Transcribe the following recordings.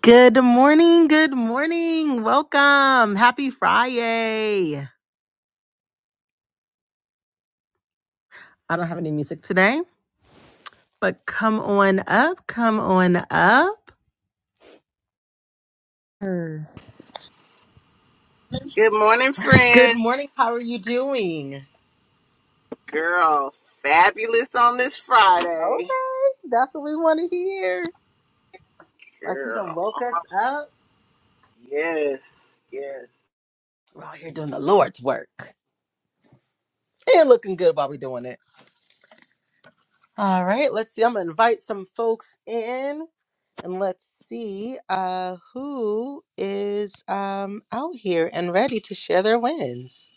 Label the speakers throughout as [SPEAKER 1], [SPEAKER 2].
[SPEAKER 1] Good morning. Good morning. Welcome. Happy Friday. I don't have any music today, but come on up. Come on up. Sure.
[SPEAKER 2] Good morning,
[SPEAKER 1] Good
[SPEAKER 2] friend.
[SPEAKER 1] morning. How are you doing?
[SPEAKER 2] Girl, fabulous on this Friday.
[SPEAKER 1] Okay. That's what we want to hear. Like you done
[SPEAKER 2] Girl,
[SPEAKER 1] woke us up.
[SPEAKER 2] yes, yes.
[SPEAKER 1] We're out here doing the Lord's work and looking good while we're doing it. All right. Let's see. I'm going to invite some folks in. And let's see uh, who is um, out here and ready to share their wins.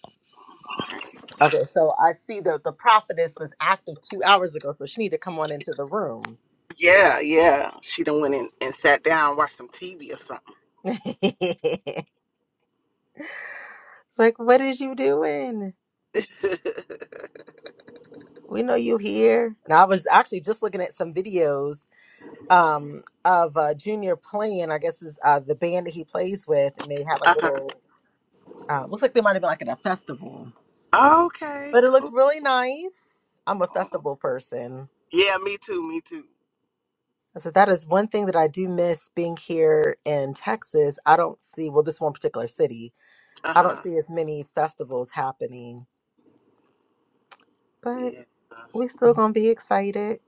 [SPEAKER 1] Okay, so I see that the prophetess was active two hours ago, so she need to come on into the room.
[SPEAKER 2] Yeah, yeah. She done went in and sat down, watched some TV or something.
[SPEAKER 1] it's like, what is you doing? We know you here. And I was actually just looking at some videos um, of uh, Junior playing. I guess is uh, the band that he plays with, and they have like
[SPEAKER 2] uh-huh.
[SPEAKER 1] little. Uh, looks like they might have been like at a festival,
[SPEAKER 2] Okay,
[SPEAKER 1] but it looked
[SPEAKER 2] cool.
[SPEAKER 1] really nice. I'm a festival person.
[SPEAKER 2] Yeah, me too, me too.
[SPEAKER 1] I said, that is one thing that I do miss being here in Texas. I don't see, well, this one particular city, I don't
[SPEAKER 2] Uh-huh.
[SPEAKER 1] see as many festivals happening, but
[SPEAKER 2] Yeah, uh,
[SPEAKER 1] we still gonna be excited.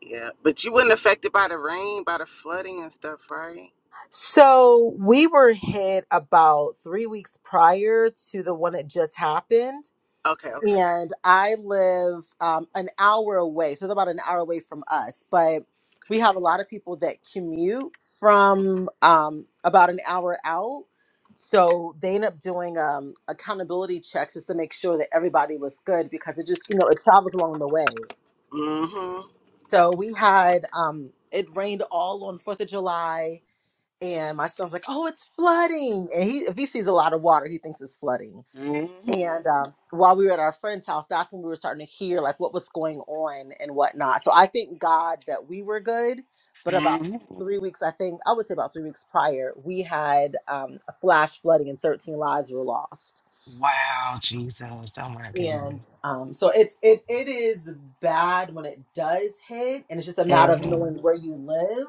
[SPEAKER 2] yeah. But you wasn't affected by the rain, by the flooding and stuff, right?
[SPEAKER 1] So we were hit about three weeks prior to the one that just happened.
[SPEAKER 2] Okay, okay.
[SPEAKER 1] and I live um, an hour away, so they're about an hour away from us. But
[SPEAKER 2] okay.
[SPEAKER 1] we have a lot of people that commute from um, about an hour out, so they end up doing um, accountability checks just to make sure that everybody was good because it just you know it travels along the way.
[SPEAKER 2] Mm-hmm.
[SPEAKER 1] So we had um, it rained all on Fourth of July, and my son's like, "Oh, it's flooding!" And he if he sees a lot of water, he thinks it's flooding
[SPEAKER 2] Mm-hmm.
[SPEAKER 1] and um, while we were at our friend's house that's when we were starting to hear like what was going on and whatnot so i thank god that we were good but about
[SPEAKER 2] hmm
[SPEAKER 1] three weeks i think i would say about three weeks prior we had um, a flash flooding and 13 lives were lost
[SPEAKER 2] Wow, Jesus. Oh my goodness.
[SPEAKER 1] and um, so it's it, it is bad when it does hit and it's just a matter of
[SPEAKER 2] Mm-hmm.
[SPEAKER 1] knowing where you live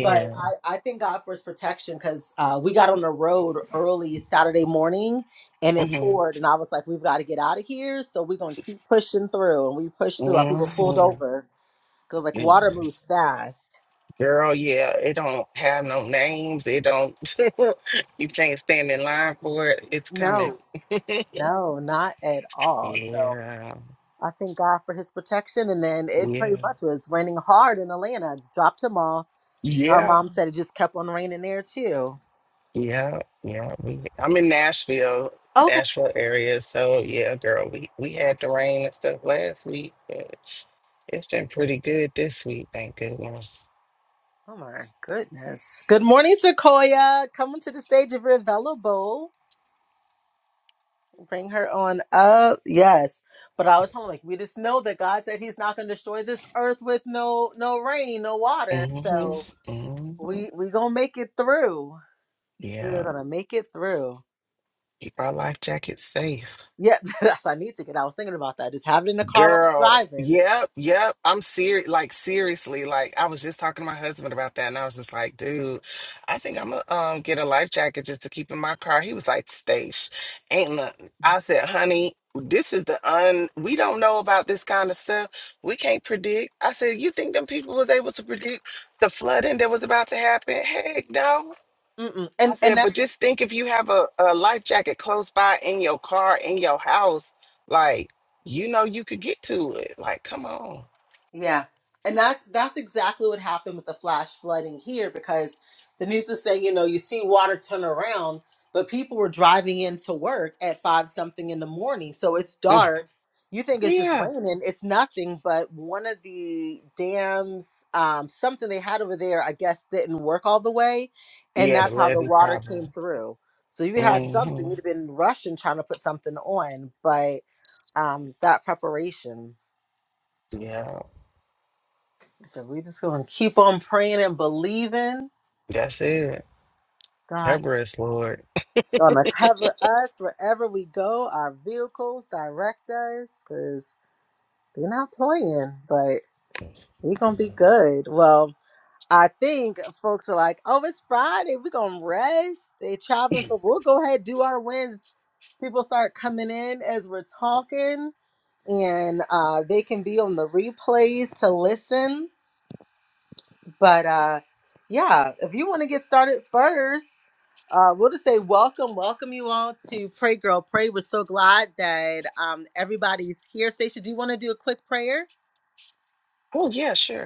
[SPEAKER 1] but I, I thank God for his protection because uh, we got on the road early Saturday morning and it
[SPEAKER 2] Mm-hmm.
[SPEAKER 1] poured. And I was like, we've got to get out of here. So we're going to keep pushing through. And we pushed through. Our people pulled
[SPEAKER 2] Mm-hmm.
[SPEAKER 1] over because, like, water
[SPEAKER 2] Goodness.
[SPEAKER 1] moves fast.
[SPEAKER 2] Girl, yeah, it don't have no names. It don't. you can't stand in line for it. It's coming.
[SPEAKER 1] No, no, not at all. So
[SPEAKER 2] yeah.
[SPEAKER 1] I thank God for his protection. And then it pretty
[SPEAKER 2] Yeah.
[SPEAKER 1] much was raining hard in Atlanta. Dropped him off. Our
[SPEAKER 2] Yeah.
[SPEAKER 1] mom said it just kept on raining there, too.
[SPEAKER 2] Yeah. Yeah. We, I'm in Nashville,
[SPEAKER 1] Okay.
[SPEAKER 2] Nashville area. So yeah, girl, we we had the rain and stuff last week, but it's been pretty good this week. Thank goodness.
[SPEAKER 1] Oh my goodness. Good morning, Sequoia. Coming to the stage if you're available. Bring her on up. Yes. But I was home like we just know that God said he's not gonna destroy this earth with no no rain, no water. So
[SPEAKER 2] Mm-hmm. Mm-hmm.
[SPEAKER 1] we we gonna make it through. We're
[SPEAKER 2] Yeah.
[SPEAKER 1] gonna make it through.
[SPEAKER 2] Keep our life jackets safe.
[SPEAKER 1] Yeah, that's I need to get. I was thinking about that. Just have it in the car while we're
[SPEAKER 2] Girl,
[SPEAKER 1] driving.
[SPEAKER 2] yep, yep. I'm serious. Like, seriously, like, I was just talking to my husband about that, and I was just like, dude, I think I'm gonna um, get a life jacket just to keep in my car. He was like, Stace, ain't nothing. I said, honey, this is the un, we don't know about this kind of stuff. We can't predict. I said, you think them people was able to predict the flooding that was about to happen? Heck no.
[SPEAKER 1] Mm-mm.
[SPEAKER 2] I
[SPEAKER 1] And and
[SPEAKER 2] said, but
[SPEAKER 1] that's
[SPEAKER 2] just think if you have a, a life jacket close by in your car, in your house, like you know you could get to it. Like, come on.
[SPEAKER 1] Yeah. And that's that's exactly what happened with the flash flooding here because the news was saying, you know, you see water turn around, but people were driving into work at five something in the morning. So it's
[SPEAKER 2] Mm.
[SPEAKER 1] dark. You think it's just
[SPEAKER 2] Yeah.
[SPEAKER 1] raining. It's nothing, but one of the dams, um, something they had over there, I guess didn't work all the way. And
[SPEAKER 2] Yeah, the
[SPEAKER 1] that's how the
[SPEAKER 2] levee
[SPEAKER 1] water came
[SPEAKER 2] problem.
[SPEAKER 1] through. So you had something,
[SPEAKER 2] hmm
[SPEAKER 1] you'd have been rushing trying to put something on, but um, that preparation.
[SPEAKER 2] Yeah.
[SPEAKER 1] So we just gonna keep on praying and believing
[SPEAKER 2] That's it.
[SPEAKER 1] God
[SPEAKER 2] Everest, Lord.
[SPEAKER 1] gonna cover us wherever we go, our vehicles, direct us, because they're not playing, but we're gonna be
[SPEAKER 2] Mhm.
[SPEAKER 1] good. Well, I think folks are like, Oh, it's Friday, we're gonna rest. They traveling, so we'll go ahead do our wins. People start coming in as we're talking and uh, they can be on the replays to listen But uh, yeah, if you want to get started first, uh, we'll just say welcome, welcome you all to Pray Girl Pray. We're so glad that um, everybody's here. Stacia, do you want to do a quick prayer?
[SPEAKER 2] Oh yeah, sure.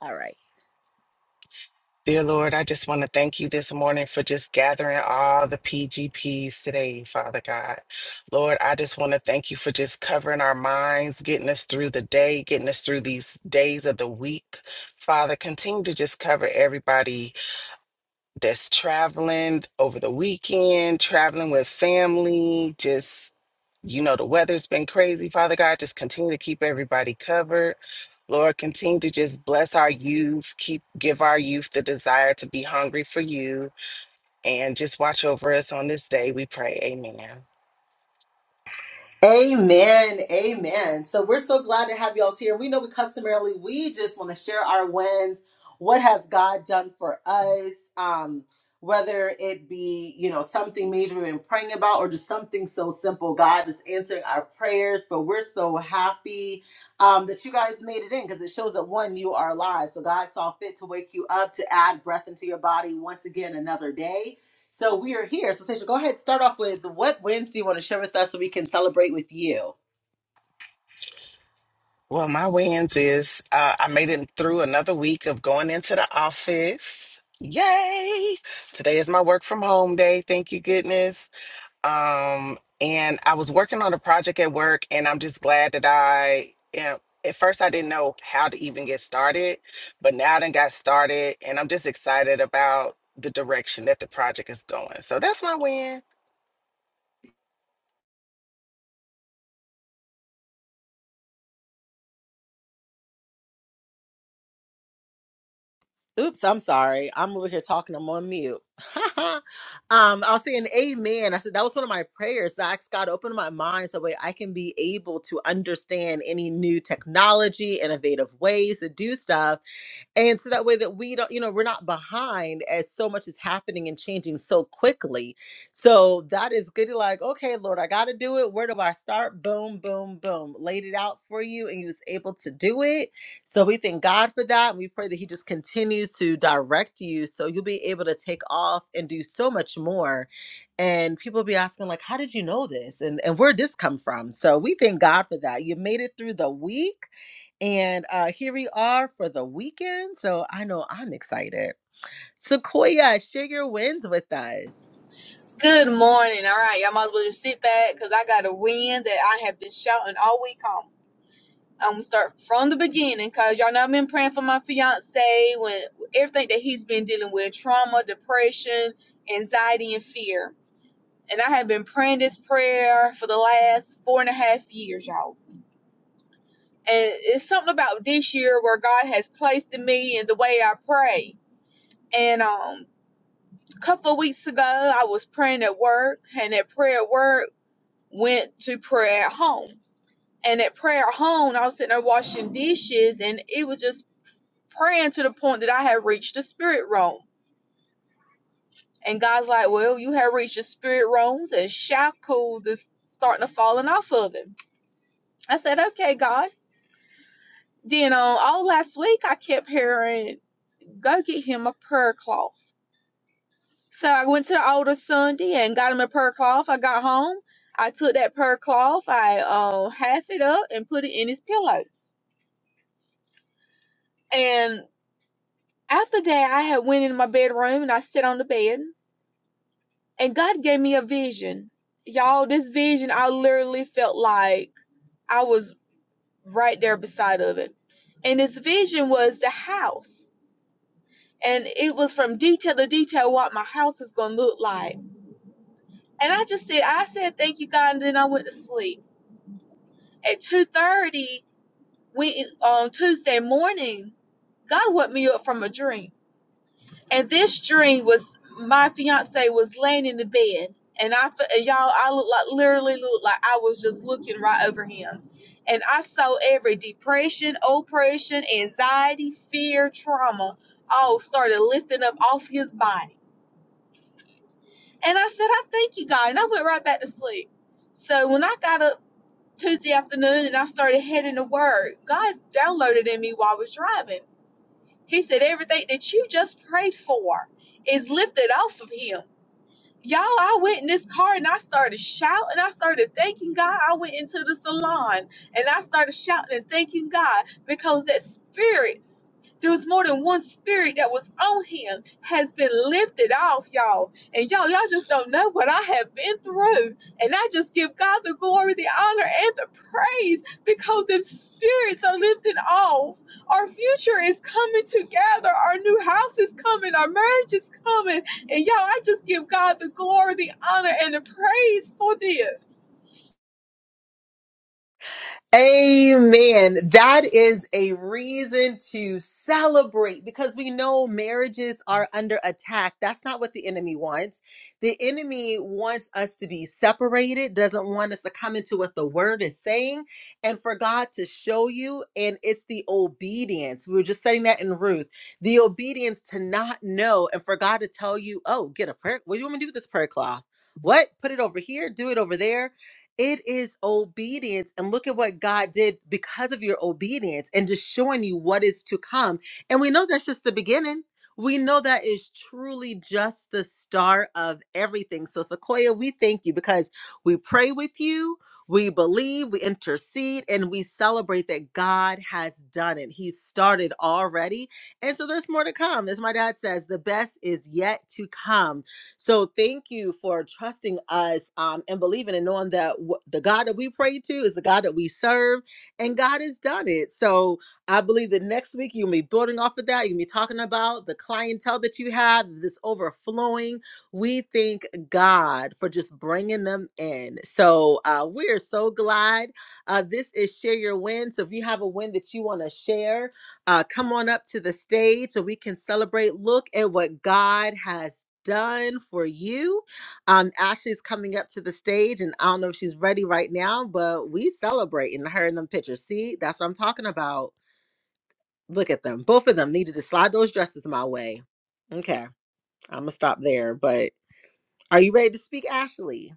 [SPEAKER 1] All right.
[SPEAKER 2] Dear Lord, I just want to thank you this morning for just gathering all the PGPs today, Father God. Lord, I just want to thank you for just covering our minds, getting us through the day, getting us through these days of the week. Father, continue to just cover everybody that's traveling over the weekend, traveling with family, just you know, the weather's been crazy. Father God, just continue to keep everybody covered. Lord, continue to just bless our youth, keep give our youth the desire to be hungry for you, and just watch over us on this day. We pray, Amen.
[SPEAKER 1] Amen. Amen. So we're so glad to have y'all here. We know we customarily we just want to share our wins. What has God done for us? Um, whether it be, you know, something major we've been praying about or just something so simple. God is answering our prayers, but we're so happy um, that you guys made it in because it shows that one, you are alive. So God saw fit to wake you up to add breath into your body once again another day so we are here. So Sasha, go ahead. Start off with what wins do you want to share with us so we can celebrate with you?
[SPEAKER 2] Well, my wins is uh, I made it through another week of going into the office. Yay! Today is my work from home day. Thank you, goodness. um, and I was working on a project at work, and I'm just glad that I am. At first, I didn't know how to even get started, but now I done got started, and I'm just excited about the direction that the project is going. So that's my win.
[SPEAKER 1] Oops, I'm sorry. I'm over here talking. I'm on mute. um, I was saying amen. I said that was one of my prayers. I asked God open my mind so way I can be able to understand any new technology, innovative ways to do stuff and so that way that we don't you know we're not behind as so much is happening and changing so quickly so that is good You're like okay lord i gotta do it where do i start boom boom boom laid it out for you and you was able to do it so we thank god for that and we pray that he just continues to direct you so you'll be able to take off and do so much more and people be asking like how did you know this and and where did this come from so we thank god for that you made it through the week and uh, here we are for the weekend. So I know I'm excited. Sequoia, share your wins with us.
[SPEAKER 3] Good morning. All right, y'all might as well just sit back because I got a win that I have been shouting all week on. I'm gonna start from the beginning because y'all know I've been praying for my fiance when everything that he's been dealing with trauma, depression, anxiety, and fear. And I have been praying this prayer for the last four and a half years, y'all. And it's something about this year where God has placed in me and the way I pray. And um, a couple of weeks ago, I was praying at work, and that prayer at work. went to prayer at home. And at prayer at home, I was sitting there washing dishes and it was just praying to the point that I had reached the spirit realm. And God's like, Well, you have reached the spirit realms and shackles is starting to falling off of him. I said, Okay, God. Then on uh, all last week I kept hearing, Go get him a prayer cloth. So I went to the altar Sunday and got him a prayer cloth. I got home. I took that prayer cloth, I uh, half it up and put it in his pillows. And After that, I had went in my bedroom and I sat on the bed, and God gave me a vision. Y'all, this vision, I literally felt like I was right there beside of it. And this vision was the house. And it was from detail to detail what my house was gonna look like. And I just said, I said, thank you, God, and then I went to sleep. At 2.30 we, on Tuesday morning, God woke me up from a dream And this dream was my fiance was laying in the bed, and I and y'all, I looked like literally looked like I was just looking right over him, and I saw every depression, oppression, anxiety, fear, trauma all started lifting up off his body. And I said, I thank you, God, and I went right back to sleep. So when I got up Tuesday afternoon and I started heading to work, God downloaded in me while I was driving. He said, everything that you just prayed for is lifted off of him y'all, I went in this car and I started shouting. I started thanking God. I went into the salon and I started shouting and thanking God because that spirits, there was more than one spirit that was on him, has been lifted off, y'all. And y'all, y'all just don't know what I have been through. And I just give God the glory, the honor, and the praise because the spirits are lifted off. Our future is coming together. Our new house is coming. Our marriage is coming and y'all, I just give God the glory, the honor, and the praise for this.
[SPEAKER 1] Amen. That is a reason to celebrate because we know marriages are under attack. That's not what the enemy wants. The enemy wants us to be separated, doesn't want us to come into what the word is saying, and for God to show you. And it's the obedience. We were just saying that in Ruth the obedience to not know, and for God to tell you, oh, get a prayer. What do you want me to do with this prayer cloth? What? Put it over here, do it over there it is obedience. And look at what God did because of your obedience and just showing you what is to come. And we know that's just the beginning. We know that is truly just the start of everything. So, Sequoia, we thank you because we pray with you, we believe, we intercede, and we celebrate that God has done it. He started already. And so, there's more to come. As my dad says, the best is yet to come. So thank you for trusting us um, and believing and knowing that wh- the God that we pray to is the God that we serve, and God has done it. So I believe that next week you'll be building off of that. You'll be talking about the clientele that you have, this overflowing. We thank God for just bringing them in. So uh, we're so glad. Uh, this is Share Your Win. So if you have a win that you want to share, uh, come on up to the stage so we can celebrate. Look at what God has done for you. Um, Ashley's coming up to the stage, and I don't know if she's ready right now, but we celebrating her in them pictures. See, that's what I'm talking about. Look at them. Both of them needed to slide those dresses my way. Okay, I'm gonna stop there. But are you ready to speak, Ashley?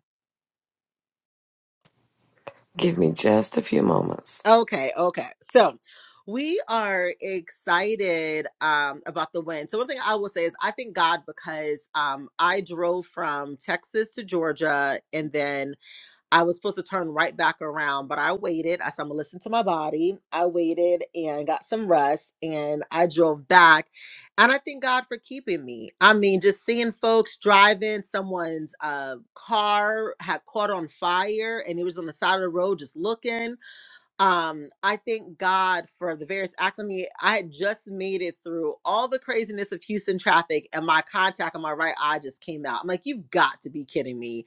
[SPEAKER 4] Give me just a few moments.
[SPEAKER 1] Okay, okay. So we are excited um, about the win. So one thing I will say is I thank God because um, I drove from Texas to Georgia, and then I was supposed to turn right back around, but I waited. I said I'm gonna listen to my body. I waited and got some rest, and I drove back. And I thank God for keeping me. I mean, just seeing folks driving, someone's uh, car had caught on fire, and it was on the side of the road, just looking um i thank god for the various acts i mean i had just made it through all the craziness of houston traffic and my contact on my right eye just came out i'm like you've got to be kidding me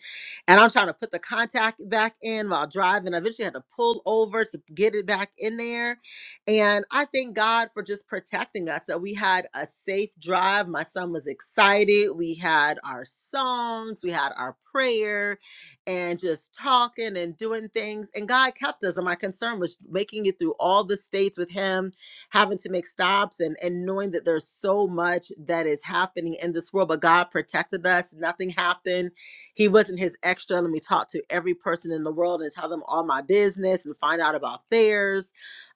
[SPEAKER 1] and i'm trying to put the contact back in while driving i eventually had to pull over to get it back in there and i thank god for just protecting us that we had a safe drive my son was excited we had our songs we had our prayer and just talking and doing things. And God kept us. And my concern was making it through all the states with Him, having to make stops and, and knowing that there's so much that is happening in this world. But God protected us. Nothing happened. He wasn't His extra. And we talked to every person in the world and tell them all my business and find out about theirs.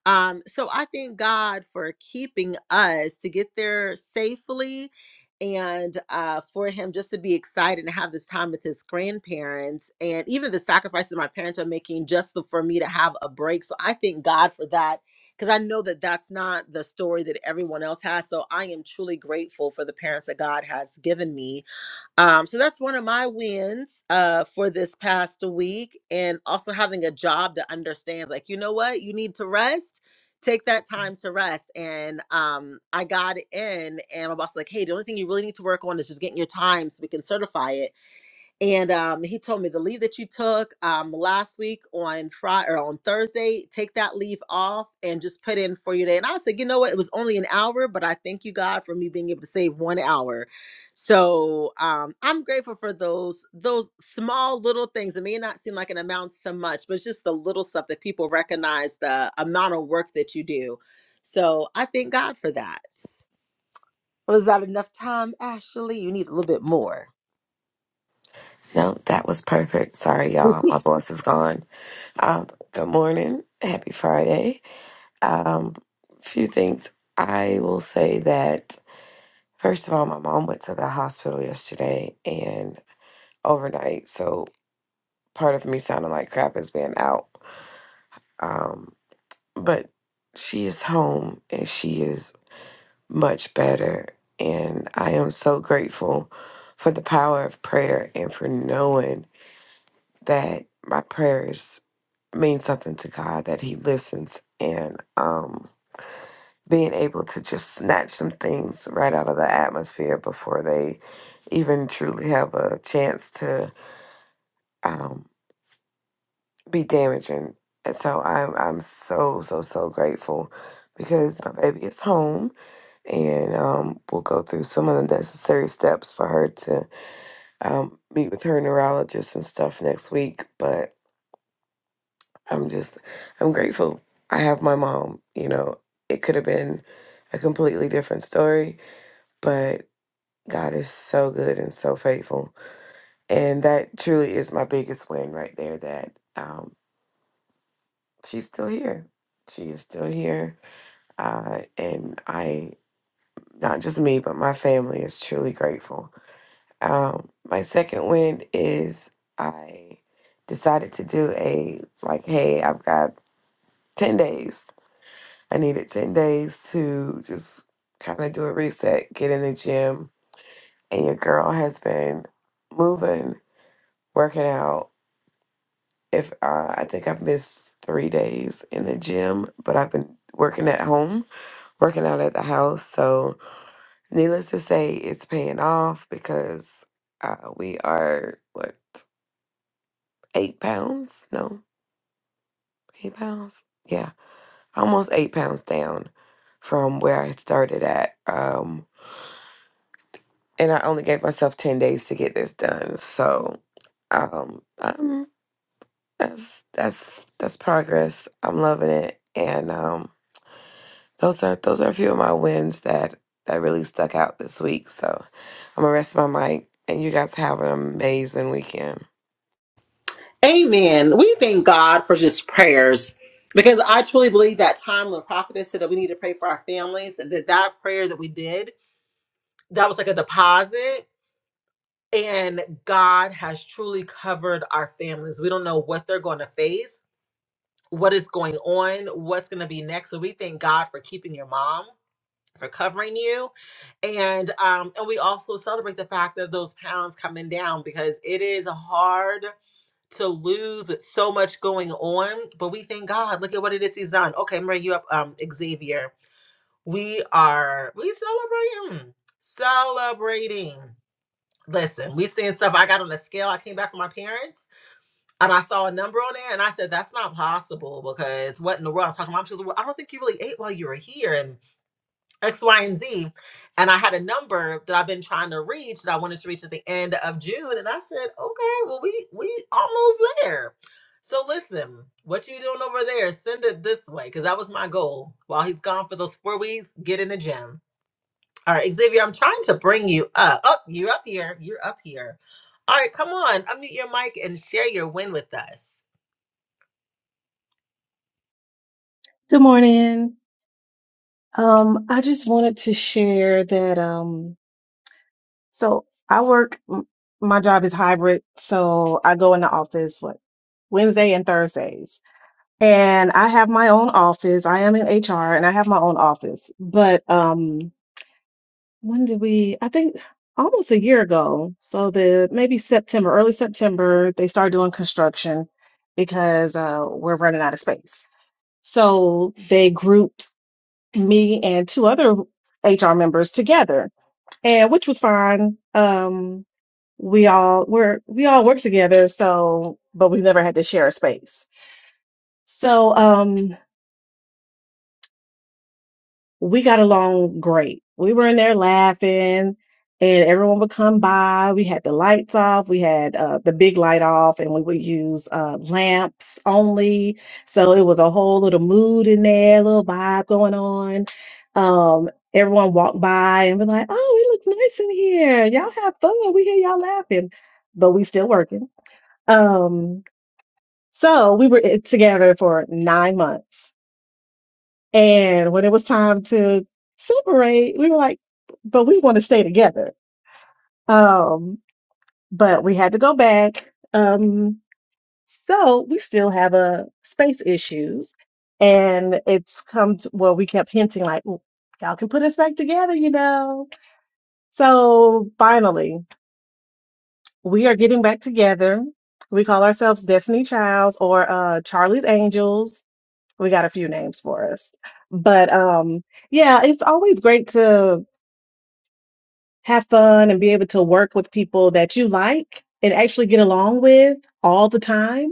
[SPEAKER 1] Um, so I thank God for keeping us to get there safely and uh, for him just to be excited and have this time with his grandparents and even the sacrifices my parents are making just to- for me to have a break so i thank god for that because i know that that's not the story that everyone else has so i am truly grateful for the parents that god has given me um, so that's one of my wins uh, for this past week, and also having a job that understands, like, you know what, you need to rest. Take that time to rest. And um, I got in, and my boss was like, hey, the only thing you really need to work on is just getting your time so we can certify it and um, he told me the leave that you took um, last week on Friday or on Thursday, take that leave off and just put in for your day. And I said, you know what? It was only an hour, but I thank you God for me being able to save one hour. So um, I'm grateful for those those small little things. It may not seem like an amount so much, but it's just the little stuff that people recognize the amount of work that you do. So I thank God for that. Was that enough time, Ashley? You need a little bit more.
[SPEAKER 4] No, that was perfect. Sorry, y'all. My voice is gone. Um, good morning. Happy Friday. Um, few things I will say that first of all, my mom went to the hospital yesterday and overnight, so part of me sounding like crap is being out. Um, but she is home and she is much better. And I am so grateful for the power of prayer and for knowing that my prayers mean something to God, that He listens, and um, being able to just snatch some things right out of the atmosphere before they even truly have a chance to um, be damaging. And so I'm I'm so so so grateful because my baby is home and um, we'll go through some of the necessary steps for her to um, meet with her neurologist and stuff next week. But I'm just, I'm grateful. I have my mom, you know, it could have been a completely different story, but God is so good and so faithful. And that truly is my biggest win right there that um, she's still here. She is still here. Uh, and I, not just me, but my family is truly grateful. Um, my second win is I decided to do a, like, hey, I've got 10 days I needed 10 days to just kind of do a reset, get in the gym. And your girl has been moving, working out. If uh, I think I've missed three days in the gym, but I've been working at home, working out at the house. So, needless to say, it's paying off because uh, we are, what, eight pounds? No, eight pounds? Yeah, almost eight pounds down from where I started at. Um, and I only gave myself ten days to get this done. So, um, um that's that's that's progress. I'm loving it, and um, those are those are a few of my wins that that really stuck out this week. So, I'm gonna rest my mic, and you guys have an amazing weekend.
[SPEAKER 1] Amen. We thank God for just prayers because I truly believe that time when prophetess said that we need to pray for our families and that that prayer that we did, that was like a deposit and God has truly covered our families. We don't know what they're going to face, what is going on, what's going to be next. So we thank God for keeping your mom, for covering you. And um and we also celebrate the fact of those pounds coming down because it is hard to lose with so much going on. But we thank God. Look at what it is he's done. Okay, I'm bringing you up, um, Xavier. We are we celebrating, celebrating. Listen, we seeing stuff. I got on a scale. I came back from my parents, and I saw a number on there, and I said that's not possible because what in the world? I was talking. to Mom, she was, like, well, I don't think you really ate while you were here, and. X, Y, and Z. And I had a number that I've been trying to reach that I wanted to reach at the end of June. And I said, okay, well, we we almost there. So listen, what you doing over there? Send it this way, because that was my goal. While he's gone for those four weeks, get in the gym. All right, Xavier, I'm trying to bring you up. Up, you're up here. You're up here. All right, come on, unmute your mic and share your win with us.
[SPEAKER 5] Good morning. Um, I just wanted to share that, um, so I work, m- my job is hybrid. So I go in the office, what, Wednesday and Thursdays. And I have my own office. I am in HR and I have my own office. But, um, when did we, I think almost a year ago. So the maybe September, early September, they started doing construction because, uh, we're running out of space. So they grouped me and two other HR members together, and which was fine. Um, we all were we all worked together, so but we never had to share a space. So, um, we got along great. We were in there laughing and everyone would come by. We had the lights off. We had uh, the big light off and we would use uh, lamps only. So it was a whole little mood in there, little vibe going on. Um, everyone walked by and be like, oh, it looks nice in here. Y'all have fun. We hear y'all laughing, but we still working. Um, so we were eh, together for nine months and when it was time to separate, we were like, but we want to stay together. Um, but we had to go back. Um, so we still have a space issues. And it's come to well, we kept hinting like, "Well, y'all can put us back together, you know. So finally, we are getting back together. We call ourselves Destiny Childs or uh, Charlie's Angels. We got a few names for us. But um, yeah, it's always great to have fun and be able to work with people that you like and actually get along with all the time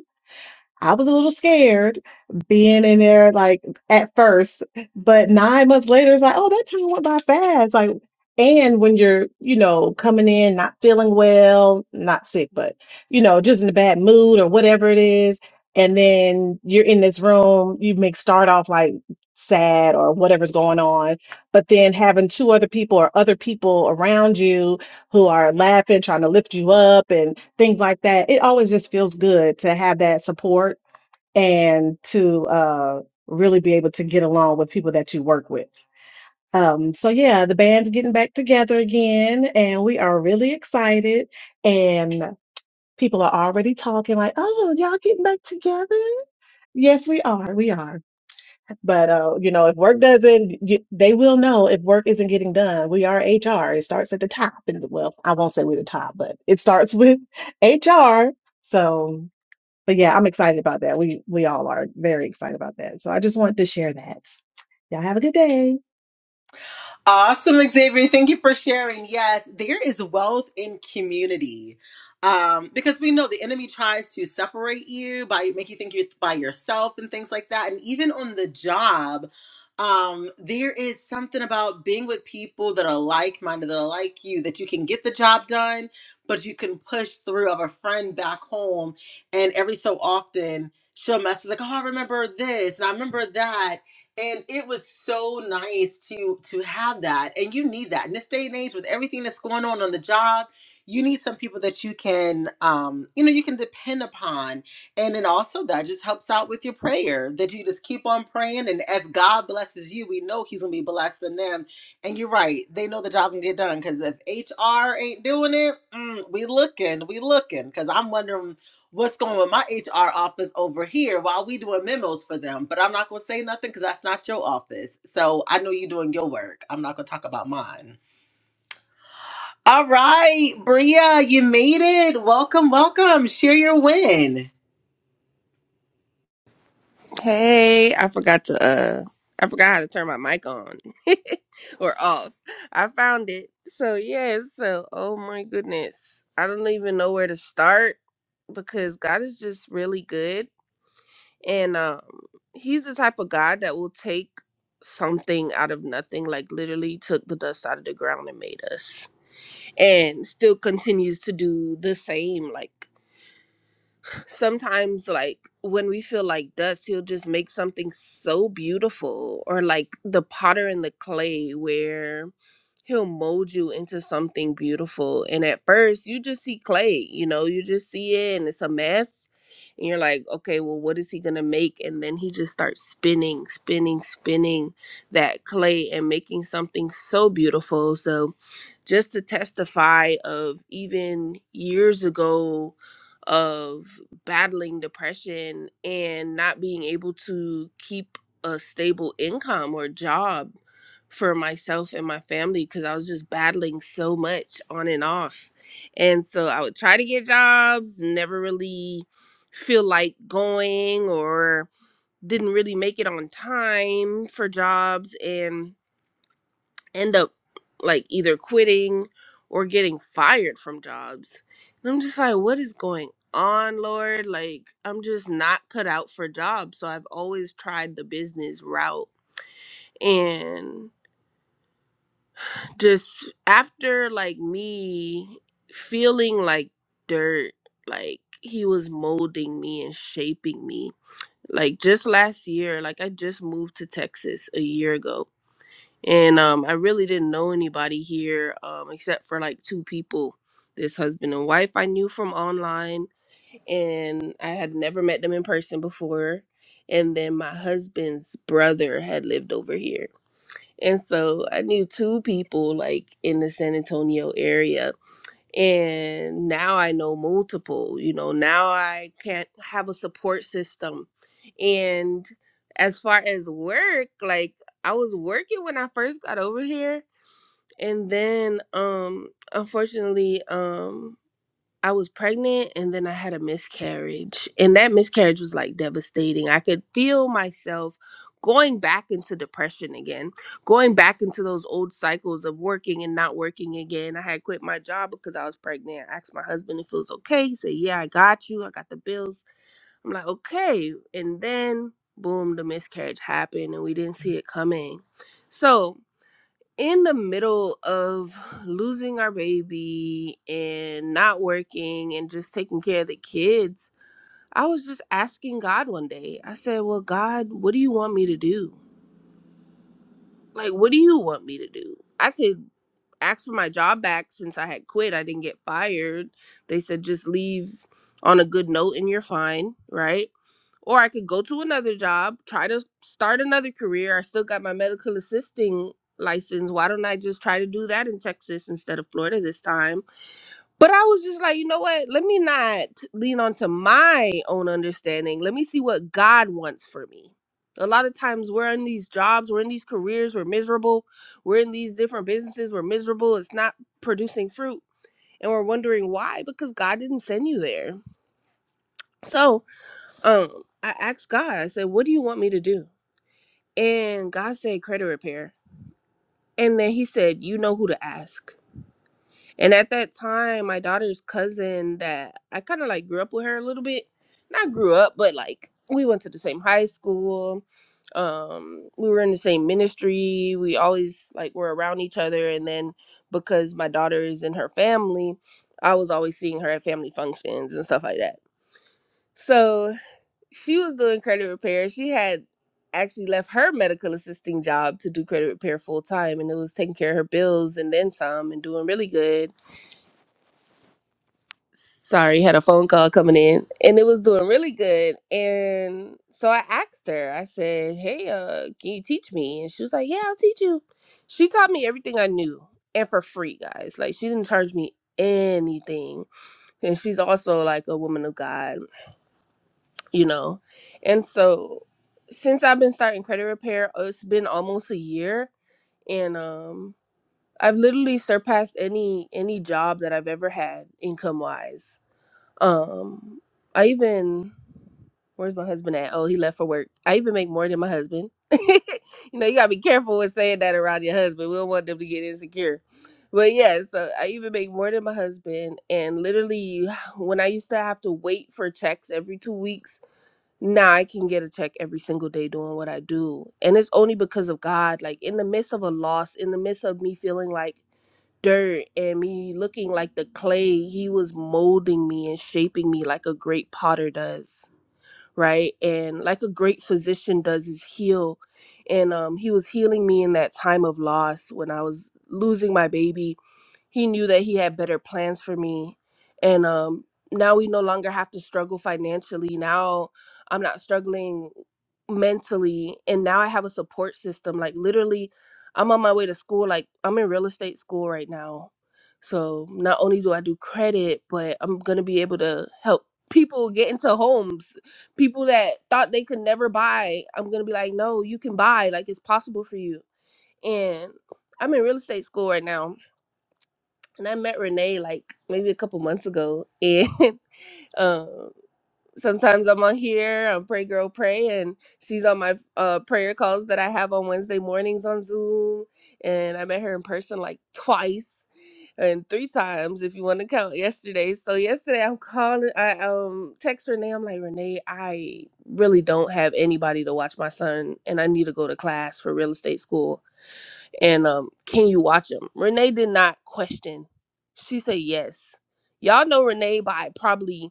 [SPEAKER 5] I was a little scared being in there like at first, but nine months later, it's like, oh, that time went by fast. Like, and when you're, you know, coming in not feeling well, not sick, but, you know, just in a bad mood or whatever it is. And then you're in this room, you may start off like sad or whatever's going on, but then having two other people or other people around you who are laughing, trying to lift you up. and things like that. It always just feels good to have that support and to uh, really be able to get along with people that you work with. Um, so yeah, the band's getting back together again, and we are really excited. And people are already talking like, "Oh, y'all getting back together?" Yes, we are. We are. But uh, you know, if work doesn't, get, they will know if work isn't getting done. We are HR. It starts at the top, and well, I won't say we're the top, but it starts with HR. So but yeah, I'm excited about that. We we all are very excited about that. So I just wanted to share that. Y'all have a good day.
[SPEAKER 1] Awesome, Xavier. Thank you for sharing. Yes, there is wealth in community. Um, because we know the enemy tries to separate you by make you think you're by yourself and things like that. And even on the job, um, there is something about being with people that are like-minded, that are like you, that you can get the job done, but you can push through of a friend back home. And every so often she'll message like, Oh, I remember this and I remember that and it was so nice to to have that and you need that in this day and age with everything that's going on on the job you need some people that you can um you know you can depend upon and then also that just helps out with your prayer that you just keep on praying and as god blesses you we know he's gonna be blessing them and you're right they know the job's gonna get done because if hr ain't doing it mm, we looking we looking because i'm wondering what's going with my HR office over here while we doing memos for them. But I'm not gonna say nothing because that's not your office. So I know you're doing your work. I'm not gonna talk about mine. All right, Bria, you made it. Welcome, welcome. Share your win.
[SPEAKER 6] Hey, I forgot to uh I forgot how to turn my mic on or off. I found it. So yeah, so oh my goodness. I don't even know where to start because God is just really good and um he's the type of God that will take something out of nothing like literally took the dust out of the ground and made us and still continues to do the same like sometimes like when we feel like dust he'll just make something so beautiful or like the potter and the clay where he'll mold you into something beautiful and at first you just see clay you know you just see it and it's a mess and you're like okay well what is he gonna make and then he just starts spinning spinning spinning that clay and making something so beautiful so just to testify of even years ago of battling depression and not being able to keep a stable income or job for myself and my family because I was just battling so much on and off. And so I would try to get jobs, never really feel like going or didn't really make it on time for jobs and end up like either quitting or getting fired from jobs. And I'm just like, what is going on, Lord? Like, I'm just not cut out for jobs. So I've always tried the business route. And just after like me feeling like dirt, like he was molding me and shaping me. Like just last year, like I just moved to Texas a year ago and um i really didn't know anybody here um except for like two people this husband and wife i knew from online and i had never met them in person before and then my husband's brother had lived over here and so i knew two people like in the san antonio area and now i know multiple you know now i can't have a support system and as far as work like i was working when i first got over here and then um unfortunately um I was pregnant and then I had a miscarriage. And that miscarriage was like devastating. I could feel myself going back into depression again, going back into those old cycles of working and not working again. I had quit my job because I was pregnant. I asked my husband if it was okay. He said, Yeah, I got you. I got the bills. I'm like, Okay. And then, boom, the miscarriage happened and we didn't see it coming. So, in the middle of losing our baby and not working and just taking care of the kids, I was just asking God one day. I said, Well, God, what do you want me to do? Like, what do you want me to do? I could asked for my job back since I had quit. I didn't get fired. They said just leave on a good note and you're fine, right? Or I could go to another job, try to start another career. I still got my medical assisting license. Why don't I just try to do that in Texas instead of Florida this time? But I was just like, you know what? Let me not lean onto my own understanding. Let me see what God wants for me. A lot of times we're in these jobs, we're in these careers, we're miserable. We're in these different businesses, we're miserable. It's not producing fruit. And we're wondering why? Because God didn't send you there. So um, I asked God, I said, what do you want me to do? And God said, credit repair. And then he said, you know who to ask. And at that time, my daughter's cousin that I kind of like grew up with her a little bit. Not grew up, but like we went to the same high school. Um, we were in the same ministry. We always like were around each other. And then because my daughter is in her family, I was always seeing her at family functions and stuff like that. So she was doing credit repair. She had actually left her medical assisting job to do credit repair full time and it was taking care of her bills and then some and doing really good sorry, had a phone call coming in and it was doing really good. And so I asked her, I said, Hey, uh, can you teach me? And she was like, Yeah, I'll teach you. She taught me everything I knew and for free, guys. Like, she didn't charge me anything. And she's also like a woman of God, you know. And so since I've been starting credit repair, uh, it's been almost a year. And, um, I've literally surpassed any any job that I've ever had income wise um, I even where's my husband at? Oh, he left for work. I even make more than my husband. you know, you gotta be careful with saying that around your husband. We don't want them to get insecure. But yeah, so I even make more than my husband. And literally, when I used to have to wait for checks every two weeks now I can get a check every single day doing what I do. And it's only because of God. Like in the midst of a loss, in the midst of me feeling like dirt and me looking like the clay, he was molding me and shaping me like a great potter does. Right. And like a great physician does is heal. And um he was healing me in that time of loss when I was losing my baby he knew that he had better plans for me. And um, now we no longer have to struggle financially. Now I'm not struggling mentally. And now I have a support system. Like, literally, I'm on my way to school. Like, I'm in real estate school right now. So not only do I do credit, but I'm going to be able to help people get into homes people that thought they could never buy, I'm gonna be like, no, you can buy. Like it's possible for you. And I'm in real estate school right now and I met Renee like maybe a couple months ago. And um, sometimes I'm on here on Pray Girl Pray, and she's on my uh, prayer calls that I have on Wednesday mornings on Zoom. And I met her in person like twice and three times if you want to count yesterday. So yesterday I'm calling, I um text Renee. I'm like Renee, I really don't have anybody to watch my son, and I need to go to class for real estate school and um can you watch him? renee did not question she said yes y'all know renee by probably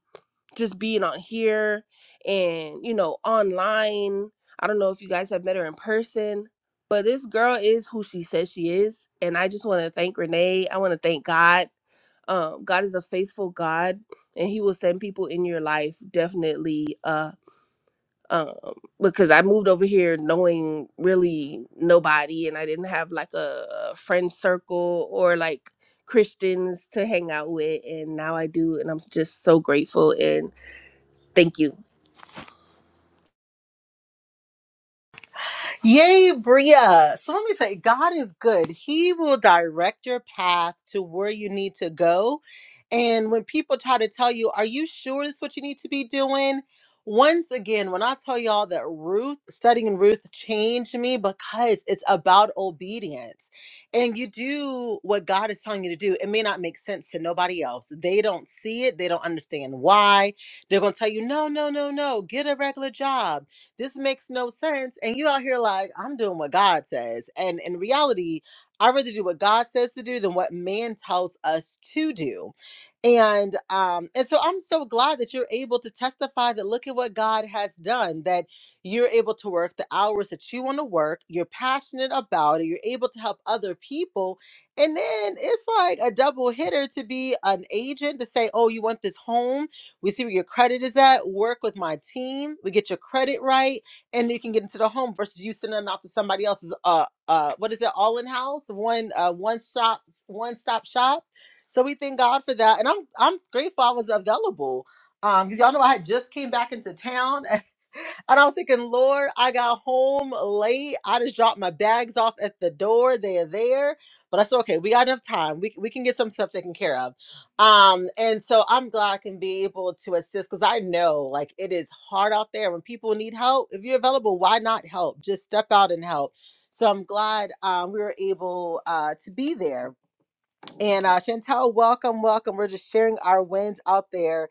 [SPEAKER 6] just being on here and you know online i don't know if you guys have met her in person but this girl is who she says she is and i just want to thank renee i want to thank god um god is a faithful god and he will send people in your life definitely Uh, um, because I moved over here knowing really nobody, and I didn't have like a friend circle or like Christians to hang out with, and now I do, and I'm just so grateful and thank you.
[SPEAKER 1] Yay, Bria. So let me say, God is good. He will direct your path to where you need to go. And when people try to tell you, are you sure this is what you need to be doing? Once again, when I tell y'all that Ruth, studying Ruth changed me because it's about obedience. And you do what God is telling you to do. It may not make sense to nobody else. They don't see it, they don't understand why. They're going to tell you, no, no, no, no, get a regular job this makes no sense. And you out here like, I'm doing what God says. And in reality, I'd rather do what God says to do than what man tells us to do. And um, and so I'm so glad that you're able to testify that look at what God has done, that you're able to work the hours that you want to work, you're passionate about it, you're able to help other people. And then it's like a double hitter to be an agent to say, Oh, you want this home? We see where your credit is at. Work with my team. We get your credit right, and you can get into the home versus you sending them out to somebody else's. Uh, uh, what is it? All in house, one, uh, one stop, one stop shop. So we thank God for that, and I'm I'm grateful I was available. Um, because y'all know I had just came back into town, and I was thinking, Lord, I got home late. I just dropped my bags off at the door. They are there. But I said, okay, we got enough time. We, we can get some stuff taken care of um and so i'm glad i can be able to assist because i know like it is hard out there when people need help if you're available why not help just step out and help so i'm glad um, we were able uh, to be there and uh, Chantel, welcome, welcome. We're just sharing our wins out there.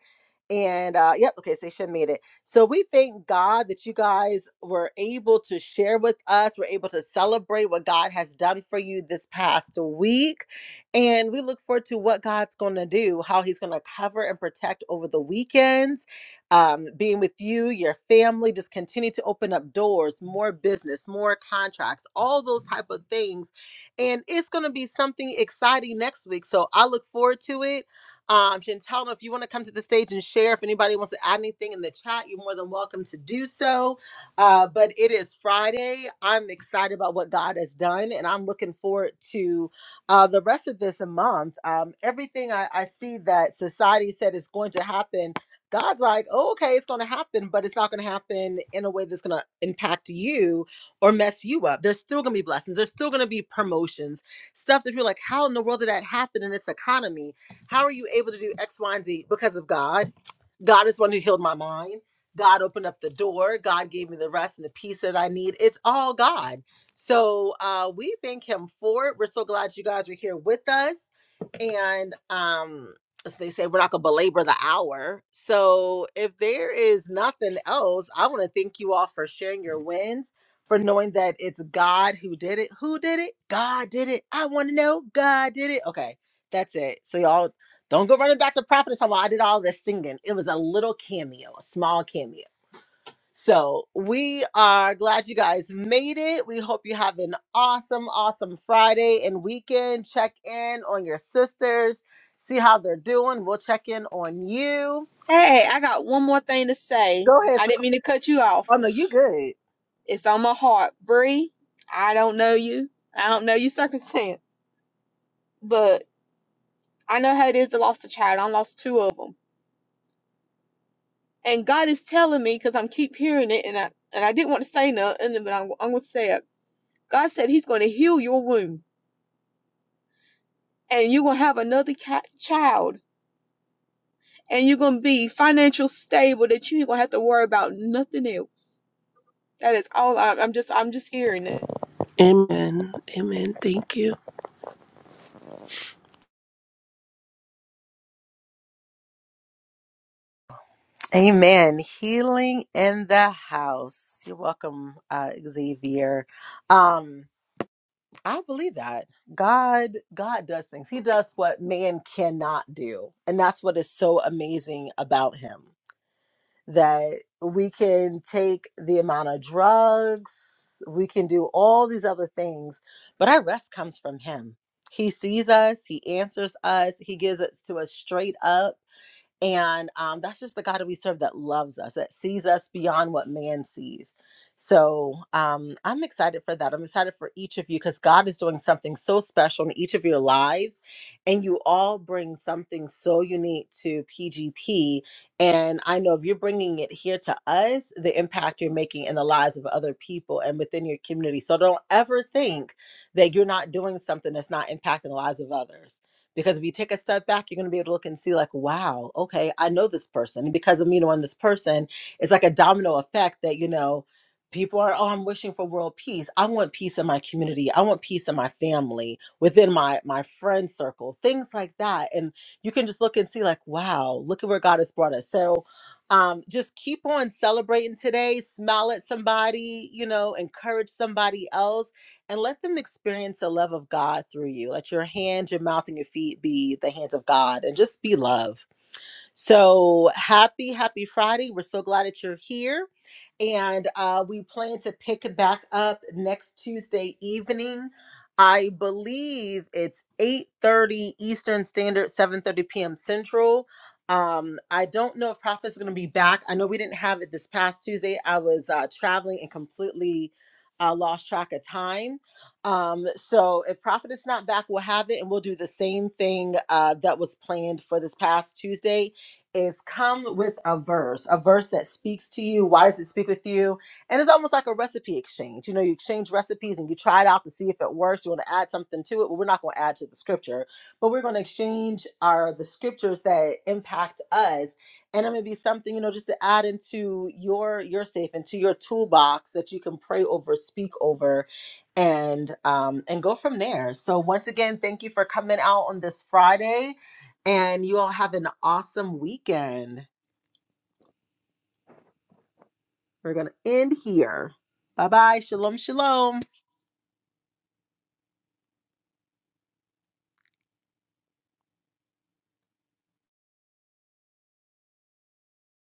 [SPEAKER 1] And uh, yep, okay, so she made it. So we thank God that you guys were able to share with us. We're able to celebrate what God has done for you this past week. And we look forward to what God's going to do, how He's going to cover and protect over the weekends, um, being with you, your family. Just continue to open up doors, more business, more contracts, all those type of things and it's going to be something exciting next week. So I look forward to it. Um, Chantal, if you want to come to the stage and share, if anybody wants to add anything in the chat, you're more than welcome to do so. Uh, but it is Friday. I'm excited about what God has done, and I'm looking forward to uh, the rest of this month. Um, everything I, I see that society said is going to happen, God's like, oh, okay, it's going to happen, but it's not going to happen in a way that's going to impact you or mess you up. There's still gonna be blessings. There's still gonna be promotions, stuff that you're like, how in the world did that happen in this economy? How are you able to do X, Y, and Z because of God? God is one who healed my mind. God opened up the door. God gave me the rest and the peace that I need. It's all God. So uh, we thank Him for it. We're so glad you guys are here with us and um as they say we're not gonna belabor the hour so if there is nothing else i want to thank you all for sharing your wins for knowing that it's god who did it who did it god did it i want to know god did it okay that's it so y'all don't go running back to prophet and talking about, i did all this singing it was a little cameo a small cameo so we are glad you guys made it. We hope you have an awesome, awesome Friday and weekend. Check in on your sisters, see how they're doing. We'll check in on you.
[SPEAKER 3] Hey, I got one more thing to say.
[SPEAKER 1] Go ahead,
[SPEAKER 3] I didn't
[SPEAKER 1] Sakura.
[SPEAKER 3] mean to cut you off.
[SPEAKER 1] Oh no, you good.
[SPEAKER 3] It's on my heart. Bree, I don't know you. I don't know your circumstance, but I know how it is to lost a child. I lost two of them. And God is telling me, because I'm keep hearing it, and I and I didn't want to say nothing, but I'm, I'm going to say it. God said He's going to heal your wound, and you're going to have another ca- child and you're gonna be financial stable that you ain't gonna have to worry about nothing else. That is all I, I'm just I'm just hearing it.
[SPEAKER 6] Amen. Amen. Thank you.
[SPEAKER 1] Amen. Healing in the house. You're welcome, uh, Xavier. Um, I believe that God, God does things. He does what man cannot do, and that's what is so amazing about Him. that we can take the amount of drugs, we can do all these other things, but our rest comes from Him. He sees us, He answers us, He gives it to us straight up and um, that's just the God that we serve that loves us, that sees us beyond what man sees. So um, I'm excited for that. I'm excited for each of you because God is doing something so special in each of your lives. And you all bring something so unique to PGP. And I know if you're bringing it here to us, the impact you're making in the lives of other people and within your community. So don't ever think that you're not doing something that's not impacting the lives of others because if you take a step back, you're going to be able to look and see, like, wow, okay, I know this person. And because of me knowing this person, it's like a domino effect that, you know, people are, oh, I'm wishing for world peace. I want peace in my community. I want peace in my family, within my my friend circle, things like that. And you can just look and see, like, wow, look at where God has brought us. So um, just keep on celebrating today, smile at somebody, you know, encourage somebody else and let them experience the love of God through you. Let your hands, your mouth, and your feet be the hands of God and just be love so happy, happy Friday. We're so glad that you're here. And uh, we plan to pick it back up next Tuesday evening. I believe it's 8:30 Eastern Standard, 7:30 p.m. Central. Um, I don't know if Prophet's going to be back. I know we didn't have it this past Tuesday. I was uh, traveling and completely uh, lost track of time. Um, so if Prophet is not back, we'll have it and we'll do the same thing uh, that was planned for this past Tuesday is come with a verse, a verse that speaks to you. Why does it speak with you? And it's almost like a recipe exchange. You know, you exchange recipes and you try it out to see if it works. You want to add something to it. Well, we're not going to add to the scripture, but we're going to exchange our the scriptures that impact us. And it may be something, you know, just to add into your your safe, into your toolbox that you can pray over, speak over, and um and go from there. So once again, thank you for coming out on this Friday. And you all have an awesome weekend. We're going to end here. Bye bye. Shalom, shalom.